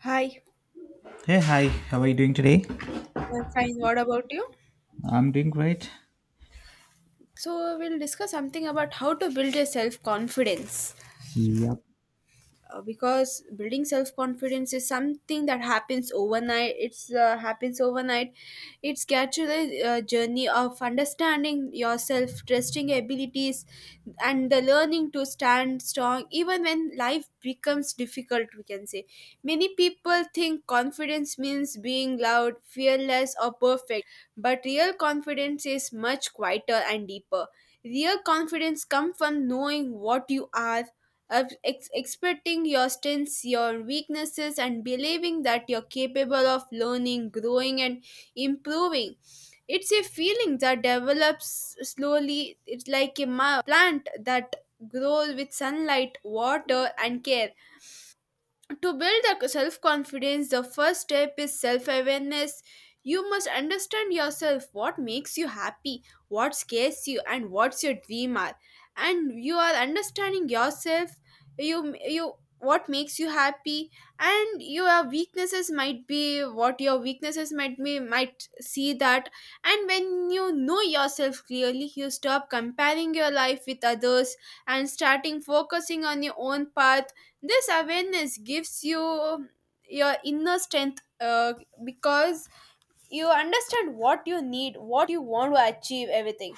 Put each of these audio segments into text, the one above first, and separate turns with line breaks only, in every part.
Hi,
Hey, hi, how are you doing today?
I'm fine. What about you?
I'm doing great.
So, we'll discuss something about how to build your self confidence.
Yep.
Because building self confidence is something that happens overnight it's gradually a journey of understanding yourself, trusting your abilities, and the learning to stand strong even when life becomes difficult, we can say. Many people think confidence means being loud, fearless, or perfect, but real confidence is much quieter and deeper. Real confidence comes from knowing what you are, expecting your strengths, your weaknesses, and believing that you're capable of learning, growing, and improving. It's a feeling that develops slowly. It's like a plant that grows with sunlight, water, and care. To build the self confidence, the first step is self awareness. You must understand yourself, what makes you happy, what scares you, and what's your dream are. And you are understanding yourself, you what makes you happy, and your weaknesses might be, what your weaknesses might be, might see that. And when you know yourself clearly, you stop comparing your life with others and starting focusing on your own path. This awareness gives you your inner strength, because you understand what you need, what you want to achieve, everything.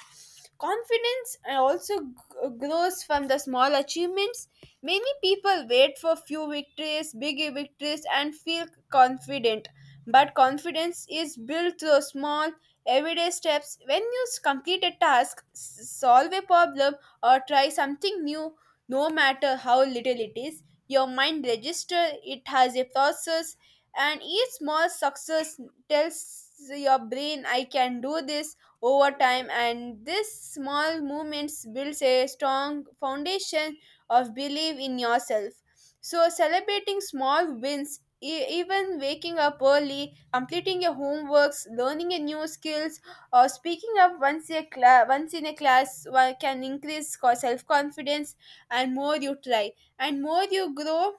Confidence also grows from the small achievements. Many people wait for few victories, big victories, and feel confident. But confidence is built through small everyday steps. When you complete a task, solve a problem, or try something new, no matter how little it is, your mind registers it has a process. And each small success tells your brain, I can do this. Over time, and this small movements builds a strong foundation of belief in yourself. So celebrating small wins, even waking up early, completing your homeworks, learning a new skills, or speaking up once in a class can increase self confidence. And more you try, and more you grow,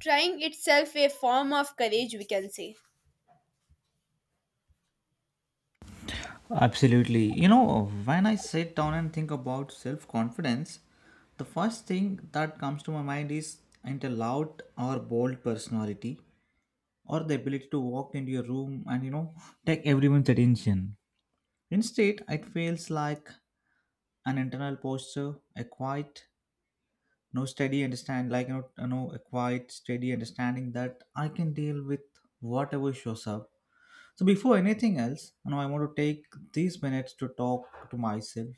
trying itself a form of courage, we can say.
Absolutely. You know, when I sit down and think about self confidence, the first thing that comes to my mind is either loud or bold personality or the ability to walk into your room and, you know, take everyone's attention. Instead, it feels like an internal posture, a quiet, no steady understand, like, a quiet, steady understanding that I can deal with whatever shows up. So before anything else, you know, I want to take these minutes to talk to myself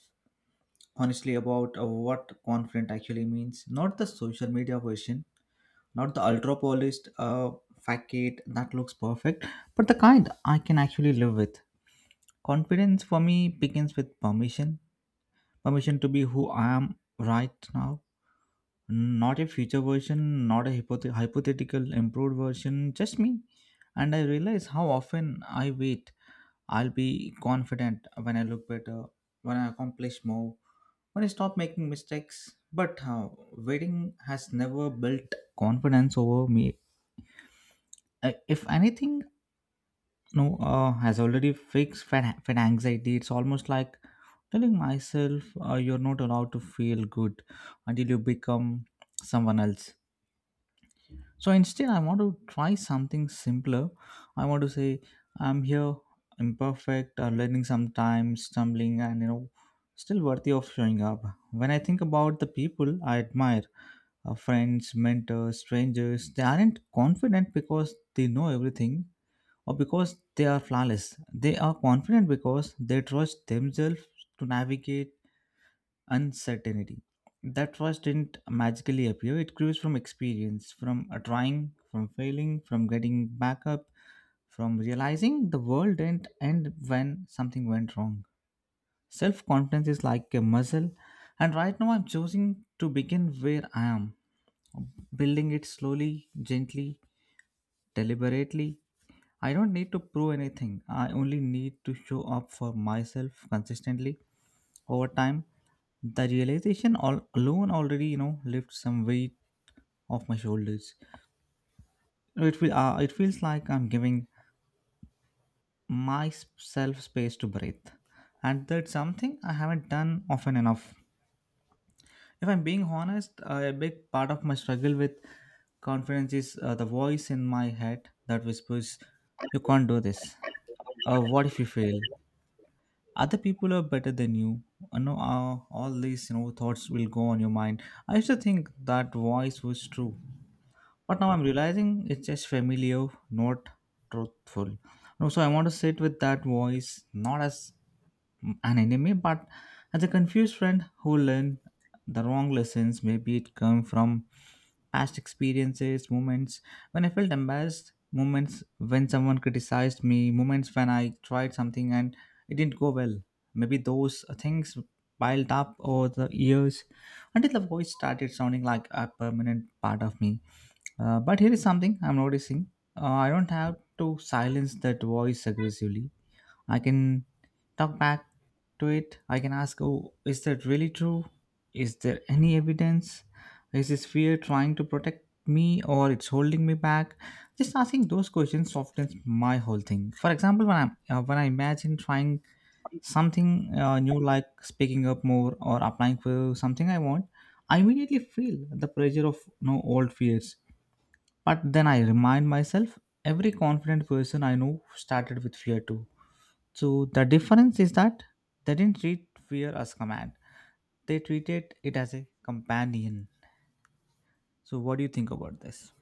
honestly about what confident actually means. Not the social media version, not the ultra polished facade that looks perfect, but the kind I can actually live with. Confidence for me begins with permission, permission to be who I am right now, not a future version, not a hypothetical improved version, just me. And I realize how often I wait. I'll be confident when I look better, when I accomplish more, when I stop making mistakes. But waiting has never built confidence over me. If anything, no, has already fixed fed anxiety. It's almost like telling myself you're not allowed to feel good until you become someone else. So instead, I want to try something simpler. I want to say, I'm here, imperfect, learning sometimes, stumbling, and you know, still worthy of showing up. When I think about the people I admire, friends, mentors, strangers, they aren't confident because they know everything or because they are flawless. They are confident because they trust themselves to navigate uncertainty. That trust didn't magically appear, it grows from experience, from trying, from failing, from getting back up, from realizing the world didn't end when something went wrong. Self confidence is like a muscle, and right now I'm choosing to begin where I am, building it slowly, gently, deliberately. I don't need to prove anything. I only need to show up for myself consistently over time. The realization all alone already, you know, lifts some weight off my shoulders. It feels like I'm giving myself space to breathe, and that's something I haven't done often enough. If I'm being honest, a big part of my struggle with confidence is the voice in my head that whispers, "You can't do this." What if you fail, other people are better than you, no, all these thoughts will go on your mind. I used to think that voice was true, but now I'm realizing it's just familiar, not truthful. No, so I want to sit with that voice, not as an enemy, but as a confused friend who learned the wrong lessons. Maybe it come from past experiences, moments when I felt embarrassed, moments when someone criticized me, moments when I tried something and it didn't go well. Maybe those things piled up over the years until the voice started sounding like a permanent part of me. But here is something I'm noticing. I don't have to silence that voice aggressively. I can talk back to it. I can ask, oh, is that really true? Is there any evidence? Is this fear trying to protect me or it's holding me back? Just asking those questions softens my whole thing. For example, when I imagine trying something new, like speaking up more or applying for something I want, I immediately feel the pressure of no old fears, but then I remind myself every confident person I know started with fear too. So the difference is that they didn't treat fear as command. They treated it as a companion. So what do you think about this?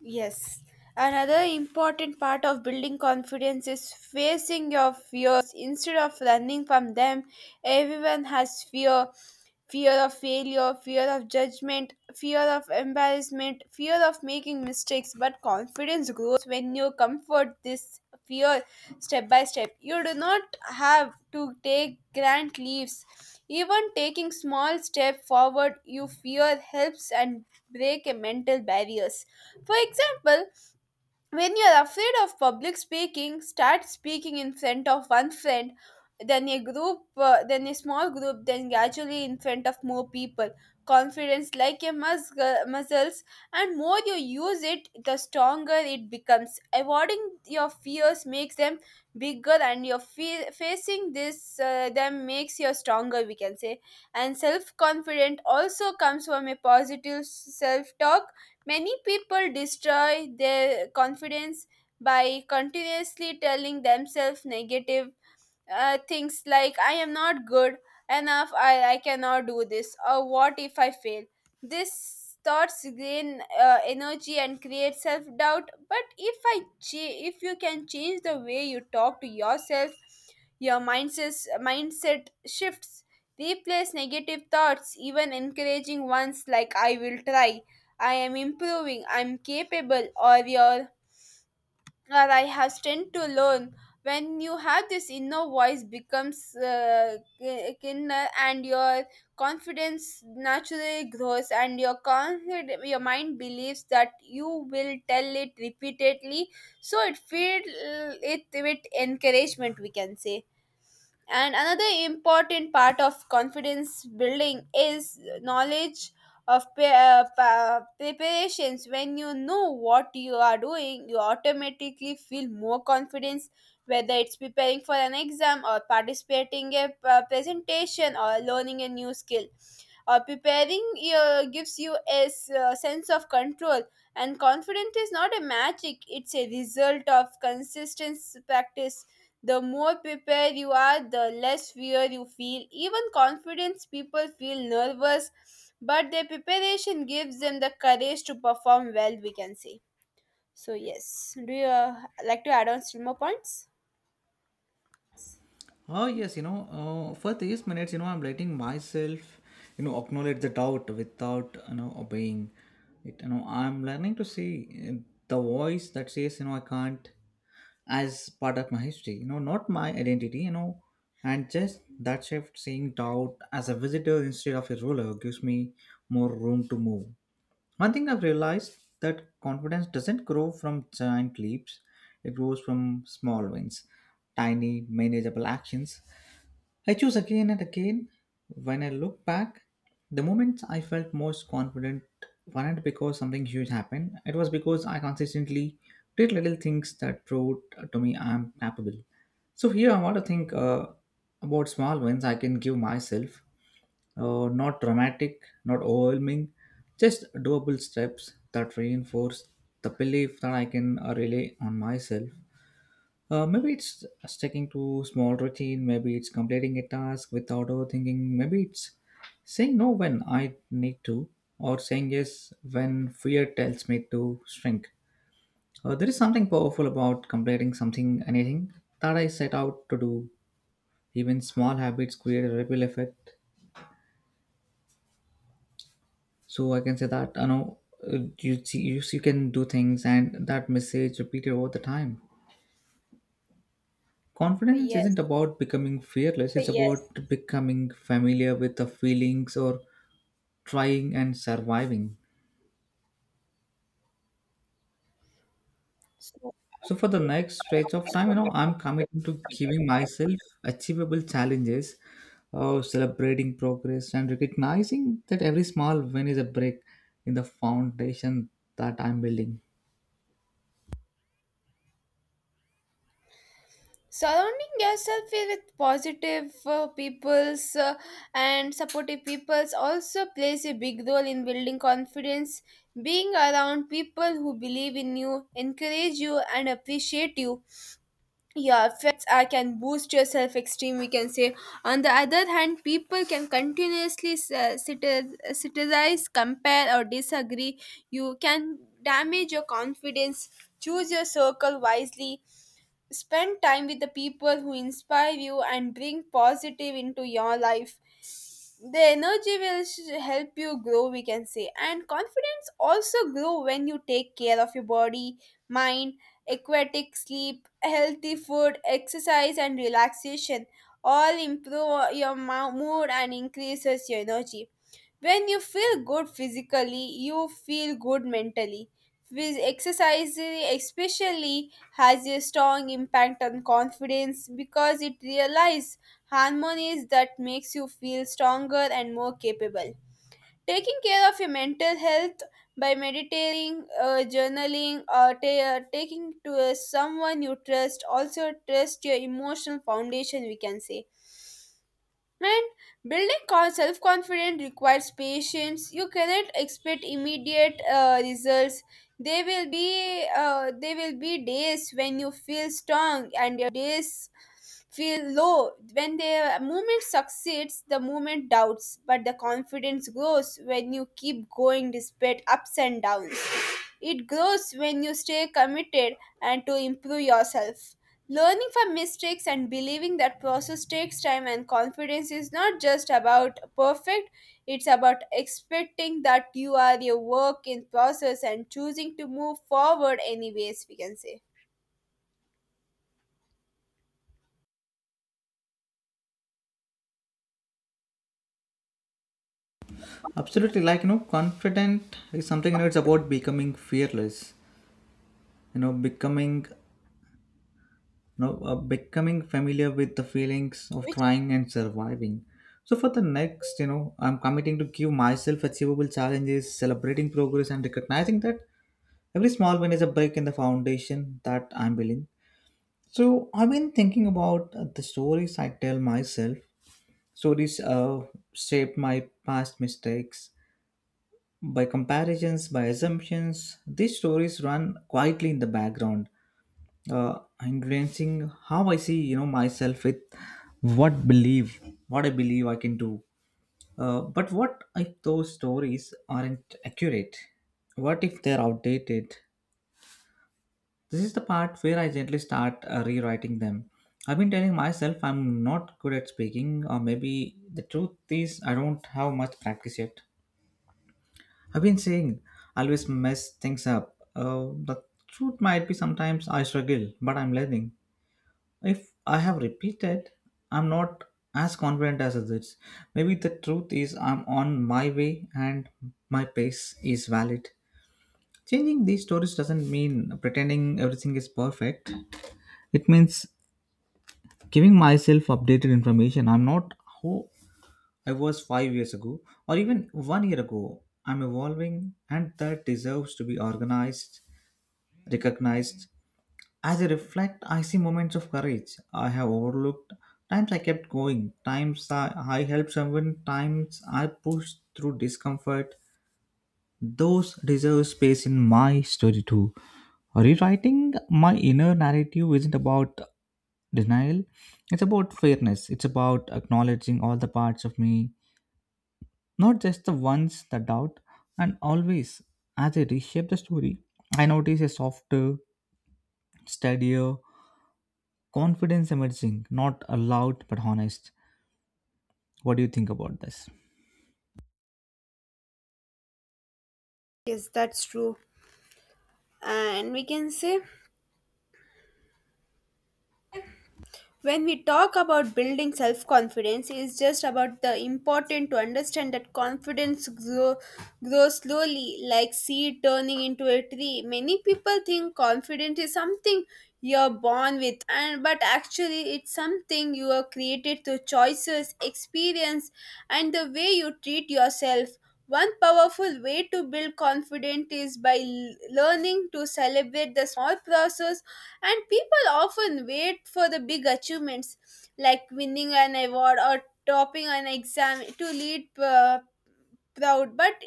Yes. Another important part of building confidence is facing your fears. Instead of running from them, everyone has fear, fear of failure, fear of judgment, fear of embarrassment, fear of making mistakes. But confidence grows when you comfort this fear step by step. You do not have to take grand leaps. Even taking small step forward you fear helps and break a mental barriers. For example, when you're afraid of public speaking, start speaking in front of one friend, then a group, then a small group, then gradually in front of more people. Confidence, like a muscle, muscles, and more you use it, the stronger it becomes. Avoiding your fears makes them bigger, and your facing this them makes you stronger, we can say. And self confident also comes from a positive self talk. Many people destroy their confidence by continuously telling themselves negative things like, I am not good enough, I cannot do this, or what if I fail? This thoughts gain energy and create self doubt. But if you can change the way you talk to yourself, your mindset shifts. Replace negative thoughts, even encouraging ones like "I will try," "I am improving," "I'm capable," or your that I have strength to learn. When you have this inner voice becomes kinder, and your confidence naturally grows, and your your mind believes that you will tell it repeatedly, so it feel, it with encouragement, we can say. And another important part of confidence building is knowledge of preparations. When you know what you are doing, you automatically feel more confidence, whether it's preparing for an exam or participating a presentation or learning a new skill. Or preparing gives you a sense of control, and confidence is not a magic; it's a result of consistent practice. The more prepared you are, the less fear you feel. Even confidence people feel nervous, but their preparation gives them the courage to perform well, we can say. So, yes. Do you like to add on still more points?
Oh yes, you know, for these minutes, you know, I'm letting myself, you know, acknowledge the doubt without, you know, obeying it. You know, I'm learning to see uh, the voice that says, you know, I can't, as part of my history, you know, not my identity, you know. And just that shift, seeing doubt as a visitor instead of a ruler, gives me more room to move. One thing I've realized that confidence doesn't grow from giant leaps, it grows from small wins, tiny manageable actions I choose again and again. When I look back, the moments I felt most confident weren't because something huge happened. It was because I consistently did little things that proved to me I'm capable. So here I want to think about small wins I can give myself. Not dramatic, not overwhelming, just doable steps that reinforce the belief that I can rely on myself. Maybe it's sticking to small routine. Maybe it's completing a task without overthinking. Maybe it's saying no when I need to, or saying yes when fear tells me to shrink. There is something powerful about completing something, anything that I set out to do. Even small habits create a ripple effect. So I can say that, you know, you see, you can do things, and that message repeated all the time. Confidence
Yes.
isn't about becoming fearless, it's. Yes. About becoming familiar with the feelings or trying and surviving.
So,
So, for the next stretch of time, you know, I'm committing to giving myself achievable challenges, celebrating progress, and recognizing that every small win is a break in the foundation that I'm building.
surrounding yourself with positive peoples and supportive peoples also plays a big role in building confidence. Being around people who believe in you, encourage you, and appreciate you, yeah, effects can boost your self esteem, we can say. On the other hand, people can continuously criticize, compare, or disagree, you can damage your confidence. Choose your circle wisely. Spend time with the people who inspire you and bring positive into your life. The energy will help you grow, we can say. And confidence also grow when you take care of your body, mind, aquatic sleep, healthy food, exercise, and relaxation. All improve your mood and increases your energy. When you feel good physically, you feel good mentally. With exercise especially has a strong impact on confidence because it realizes harmonies that makes you feel stronger and more capable. Taking care of your mental health by meditating, journaling, or taking to someone you trust, also trust your emotional foundation, we can say. And building self-confidence requires patience. You cannot expect immediate results. There will be days when you feel strong and your days feel low. When the movement succeeds, the movement doubts, but the confidence grows when you keep going despite ups and downs. It grows when you stay committed and to improve yourself. Learning from mistakes and believing that process takes time, and confidence is not just about perfect, it's about expecting that you are a work in process and choosing to move forward anyways, we can say.
Absolutely, like you know, confident is something, you know, it's about becoming fearless, you know, becoming. Now, becoming familiar with the feelings of
Which
trying and surviving. So, for the next, you know, I'm committing to give myself achievable challenges, celebrating progress, and recognizing that every small win is a break in the foundation that I'm building. So, I've been thinking about the stories I tell myself. Stories shape my past mistakes by comparisons, by assumptions. These stories run quietly in the background, uh, influencing how I see, you know, myself, with what believe what I believe I can do. But what if those stories aren't accurate? What if they're outdated? This is the part where I gently start rewriting them. I've been telling myself I'm not good at speaking, or maybe the truth is I don't have much practice yet. I've been saying I always mess things up. The truth might be sometimes I struggle, but I'm learning. If I have repeated, I'm not as confident as others. Maybe the truth is I'm on my way and my pace is valid. Changing these stories doesn't mean pretending everything is perfect. It means giving myself updated information. I'm not who I was 5 years ago or even one year ago. I'm evolving and that deserves to be recognized. As I reflect, I see moments of courage I have overlooked. Times I kept going, times I helped someone, times I pushed through discomfort. Those deserve space in my story too. Rewriting my inner narrative isn't about denial, it's about fairness, it's about acknowledging all the parts of me, not just the ones that doubt. And always, as I reshape the story, I notice a softer, steadier, confidence emerging, not allowed but honest. What do you think about this?
yes, that's true. And we can say, when we talk about building self confidence, it's just about the important to understand that confidence grows slowly like seed turning into a tree. Many people think confidence is something you're born with, and but actually it's something you are created through choices, experience, and the way you treat yourself. One powerful way to build confidence is by learning to celebrate the small process. And people often wait for the big achievements like winning an award or topping an exam to lead proud. But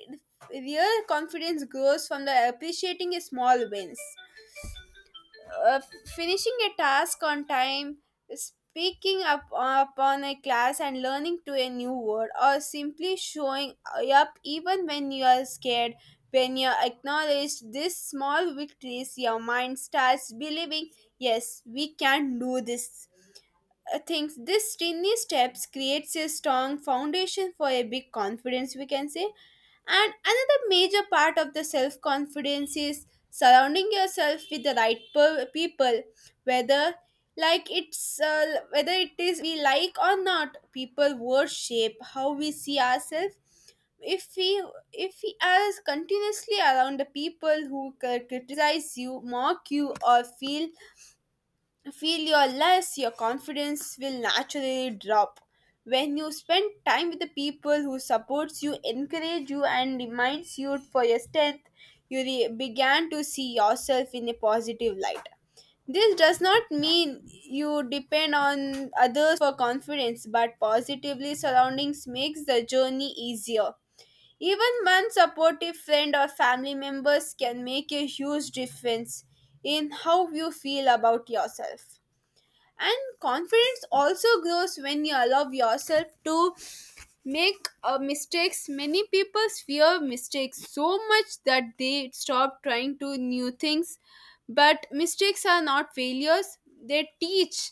real confidence grows from the appreciating small wins, uh, finishing a task on time, speaking up upon a class and learning to a new word, or simply showing up even when you are scared. When you acknowledge these small victories, your mind starts believing, yes, we can do this. Things, this tiny steps creates a strong foundation for a big confidence, we can say. And another major part of the self confidence is surrounding yourself with the right people. Whether like it's uh, whether it is we like or not, people will shape how we see ourselves. If we if we are continuously around the people who criticize you, mock you, or feel you're less, your confidence will naturally drop. When you spend time with the people who supports you, encourage you, and reminds you for your strength, you began to see yourself in a positive light. This does not mean you depend on others for confidence, but positively surroundings makes the journey easier. Even one supportive friend or family members can make a huge difference in how you feel about yourself. And confidence also grows when you allow yourself to make mistakes. Many people fear mistakes so much that they stop trying to new things. But mistakes are not failures, they teach.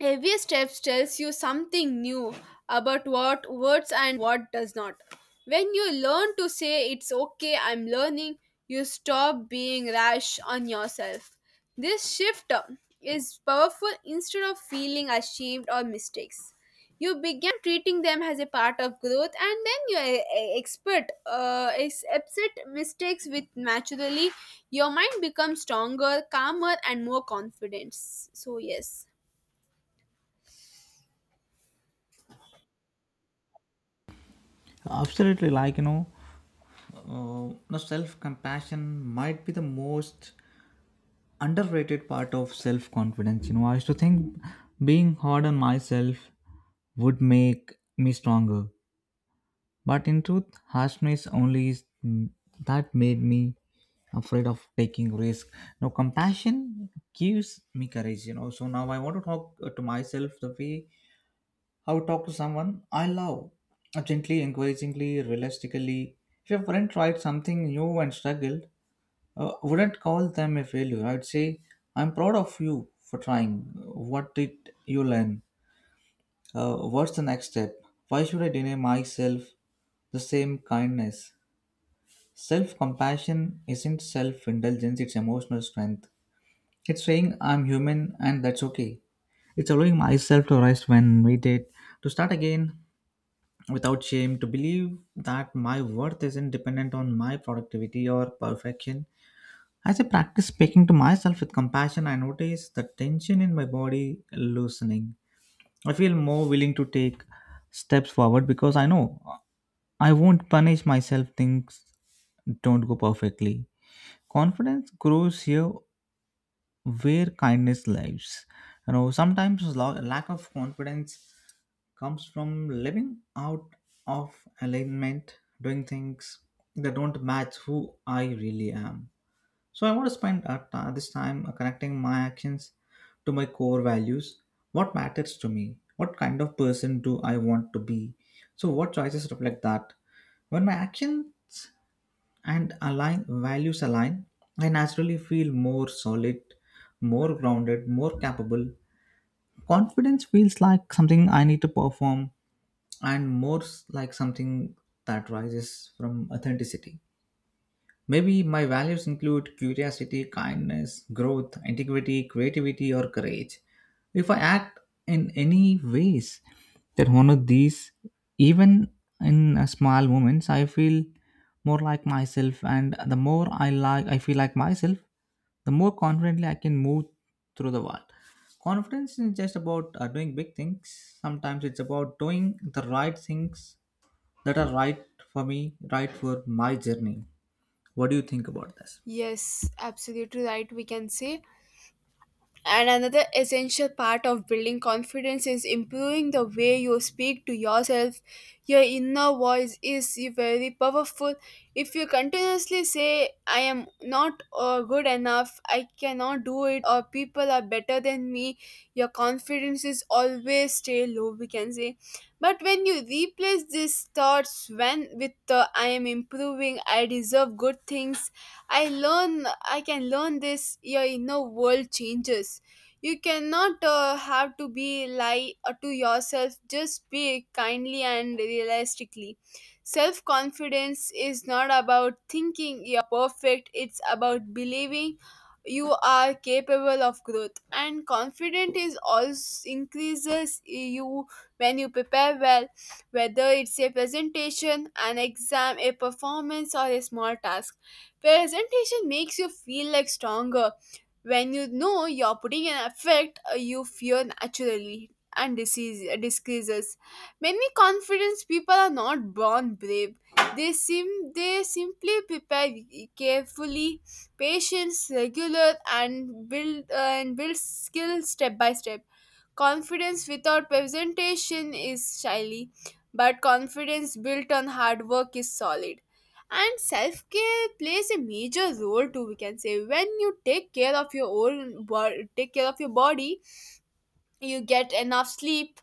Every step tells you something new about what works and what does not. When you learn to say, it's okay, I'm learning, you stop being rash on yourself. This shift is powerful, instead of feeling ashamed or mistakes. You begin treating them as a part of growth, and then you accept mistakes with naturally. Your mind becomes stronger, calmer, and more confident. So yes.
Absolutely, like, you know, the self compassion might be the most underrated part of self confidence. You know, I used to think being hard on myself would make me stronger, but in truth harshness only is that made me afraid of taking risk. Now compassion gives me courage, you know. So now I want to talk to myself the way I would talk to someone I love, gently, encouragingly, realistically. If your friend tried something new and struggled, wouldn't call them a failure. I'd say, I'm proud of you for trying. What did you learn? What's the next step? Why should I deny myself the same kindness? Self compassion isn't self indulgence, it's emotional strength. It's saying I'm human and that's okay. It's allowing myself to rest when needed, to start again without shame, to believe that my worth isn't dependent on my productivity or perfection. As I practice speaking to myself with compassion, I notice the tension in my body loosening. I feel more willing to take steps forward because I know I won't punish myself things don't go perfectly. Confidence grows here where kindness lives. You know, sometimes lack of confidence comes from living out of alignment, doing things that don't match who I really am. So I want to spend at this time connecting my actions to my core values. What matters to me? What kind of person do I want to be? So what choices reflect that? When my actions and align values align, I naturally feel more solid, more grounded, more capable. Confidence feels like something I need to perform, and like something that rises from authenticity. Maybe my values include curiosity, kindness, growth, integrity, creativity, or courage. If I act in any ways that honor these, even in small moments, I feel more like myself. And the more I feel like myself, the more confidently I can move through the world. Confidence isn't just about doing big things. Sometimes it's about doing the right things that are right for me, right for my journey. What do you think about this?
Yes, absolutely right, we can say. And another essential part of building confidence is improving the way you speak to yourself. Your inner voice is very powerful. If you continuously say, I am not good enough, I cannot do it, or people are better than me, your confidence is always stay low, we can say. But when you replace these thoughts when with the, I am improving, I deserve good things, I can learn this, your inner world changes. You cannot have to be lie to yourself. Just be kindly and realistically. Self confidence is not about thinking you're perfect. It's about believing you are capable of growth. And confidence is also increases you when you prepare well, whether it's a presentation, an exam, a performance, or a small task. Presentation makes you feel like stronger when you know you're putting an effect, you fear naturally and disease decreases. Many confidence people are not born brave. They simply prepare carefully, patience, regular, and build skill step by step. Confidence without presentation is shyly, but confidence built on hard work is solid, and self-care plays a major role too, we can say. When you take care of your own take care of your body, you get enough sleep,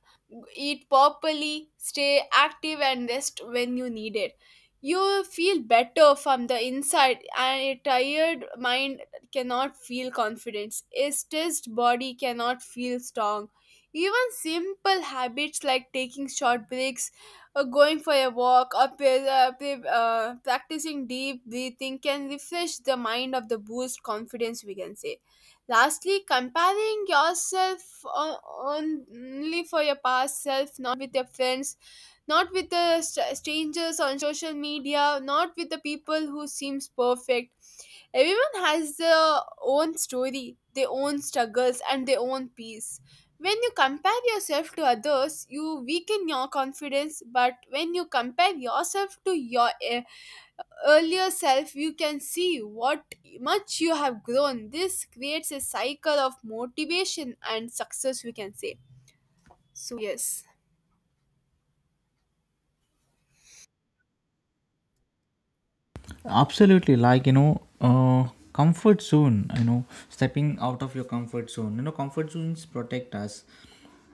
eat properly, stay active, and rest when you need it, you feel better from the inside. And a tired mind cannot feel confidence, a stressed body cannot feel strong. Even simple habits like taking short breaks, or going for a walk, or practicing deep breathing can refresh the mind of the boost confidence, we can say. Lastly, comparing yourself only for your past self, not with your friends, not with the strangers on social media, not with the people who seems perfect. Everyone has their own story, their own struggles, and their own peace. When you compare yourself to others, you weaken your confidence. But when you compare yourself to your earlier self, you can see what much you have grown. This creates a cycle of motivation and success, we can say. so yes
Absolutely. Uh, Comfort zone, stepping out of your comfort zone. Comfort zones protect us,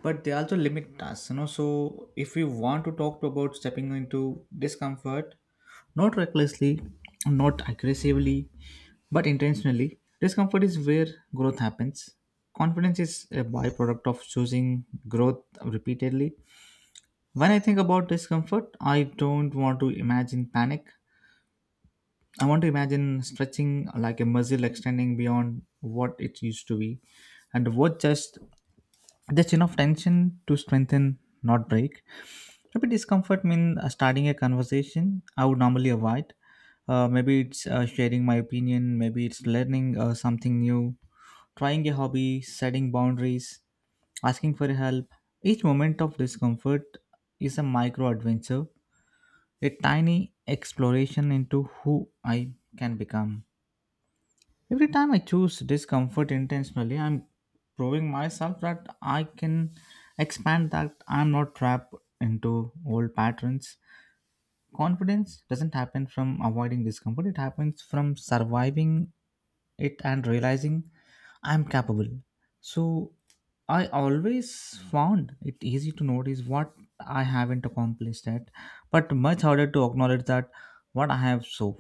but they also limit us. So if we want to talk about stepping into discomfort, not recklessly, not aggressively, but intentionally. Discomfort is where growth happens. Confidence is a byproduct of choosing growth repeatedly. When I think about discomfort, I don't want to imagine panic. I want to imagine stretching like a muscle extending beyond what it used to be, and what just enough tension to strengthen, not break. Maybe discomfort means starting a conversation I would normally avoid. Maybe it's sharing my opinion. Maybe it's learning something new, trying a hobby, setting boundaries, asking for help. Each moment of discomfort is a micro adventure, a tiny exploration into who I can become. Every time I choose discomfort intentionally, I'm proving myself that I can expand, that I'm not trapped into old patterns. Confidence doesn't happen from avoiding discomfort, it happens from surviving it and realizing I'm capable. So I always found it easy to notice what I haven't accomplished yet, but much harder to acknowledge that what I have. So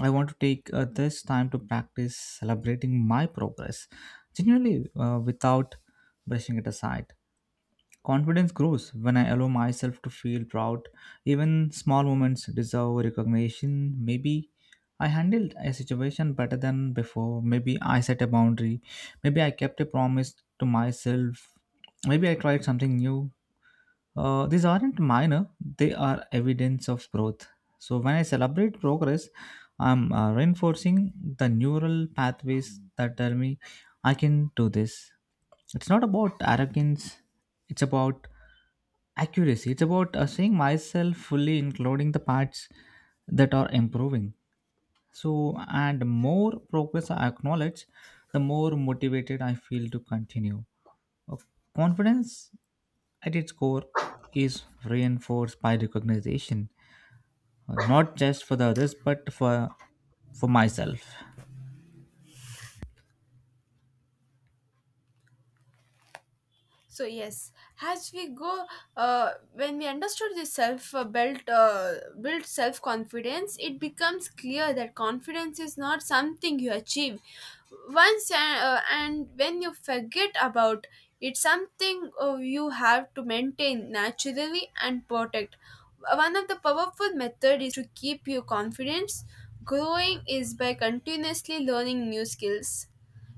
I want to take this time to practice celebrating my progress genuinely, without brushing it aside. Confidence grows when I allow myself to feel proud. Even small moments deserve recognition. Maybe I handled a situation better than before. Maybe I set a boundary. Maybe I kept a promise to myself. Maybe I tried something new. These aren't minor, they are evidence of growth. So, when I celebrate progress, I'm reinforcing the neural pathways that tell me I can do this. It's not about arrogance, it's about accuracy. It's about seeing myself fully, including the parts that are improving. So, and more progress I acknowledge, the more motivated I feel to continue. Uh, Confidence at its core is reinforced by recognition, not just for the others, but for myself.
So yes, as we go, when we understood the self built built self confidence, it becomes clear that confidence is not something you achieve once, and when you forget about it's something you have to maintain naturally and protect. One of the powerful method is to keep your confidence growing is by continuously learning new skills.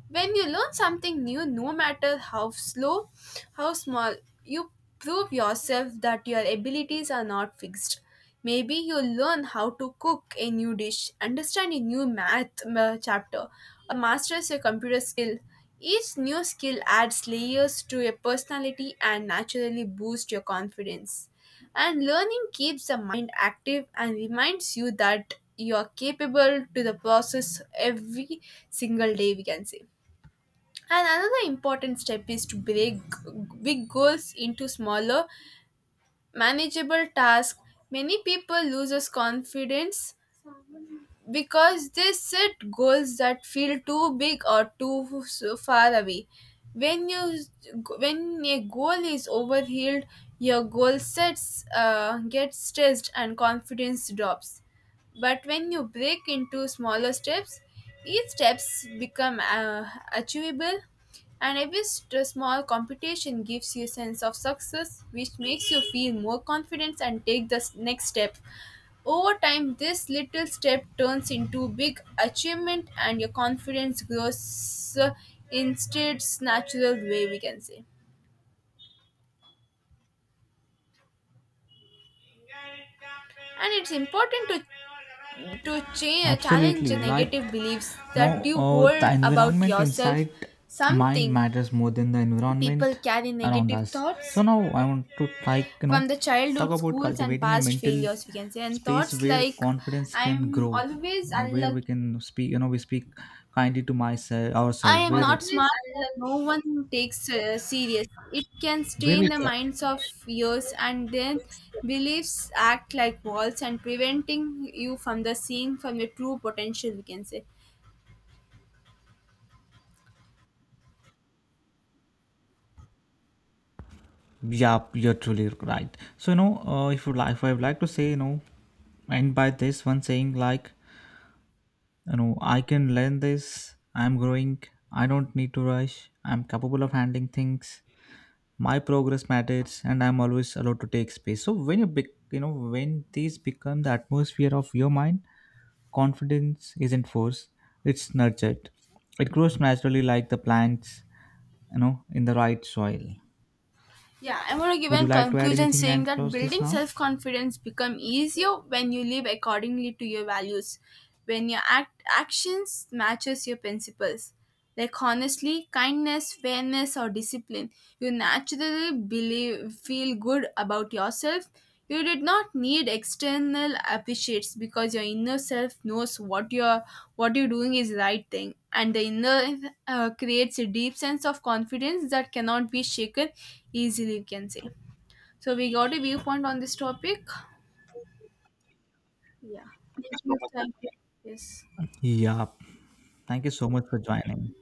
When you learn something new, no matter how slow, how small, you prove yourself that your abilities are not fixed. Maybe you learn how to cook a new dish, understand a new math chapter, or master a computer skill. Each new skill adds layers to your personality and naturally boosts your confidence. And learning keeps the mind active and reminds you that you are capable to the process every single day, we can say. And another important step is to break big goals into smaller, manageable tasks. Many people loses confidence because they set goals that feel too big or too far away. When you when a goal is overhealed, your goal sets get stressed and confidence drops. But when you break into smaller steps, each steps become achievable, and every small competition gives you a sense of success, which makes you feel more confident and take the next step. Over time, this little step turns into big achievement, and your confidence grows in its natural way, we can say. And it's important to challenge the
Absolutely.
negative
Like,
beliefs that
no,
you
the
hold about
environment
yourself.
inside mind
Something
matters more than the
people
environment
carry
around
negative
us. So
thoughts
now I want to
from the
talk
childhood
about
schools and
cultivating a
past
mental
failures, we can say, and
space
thoughts
where
like
confidence can
I'm
grow.
always
You know where we
unlucky,
can speak. You know we speak kindly to myself
I
ourselves.
am not smart, but no one takes serious. It can
Where
stay
we
in the
can.
minds of years, and then beliefs act like walls and preventing you from the seeing from your true potential, we can say.
Yeah, you're truly right. So you know, if you like, if I would like to say, you know, end by this one saying like, you know, I can learn this, I'm growing, I don't need to rush, I'm capable of handling things, my progress matters and I'm always allowed to take space. So when you know, when these become the atmosphere of your mind, confidence isn't forced, it's nurtured. It grows naturally like the plants, you know, in the right soil.
Yeah, I want to give
Would you
a
like to add
conclusion
anything
saying
and
that
close this
building
now?
self confidence become easier when you live accordingly to your values, when your actions matches your principles. Like honestly, kindness, fairness, or discipline, you naturally believe feel good about yourself. You did not need external appreciates because your inner self knows what you're doing is the right thing, and the inner creates a deep sense of confidence that cannot be shaken easily. We can say. So we got a viewpoint on this topic. Yeah. Yes, Yes.
Yeah, thank you so much for joining.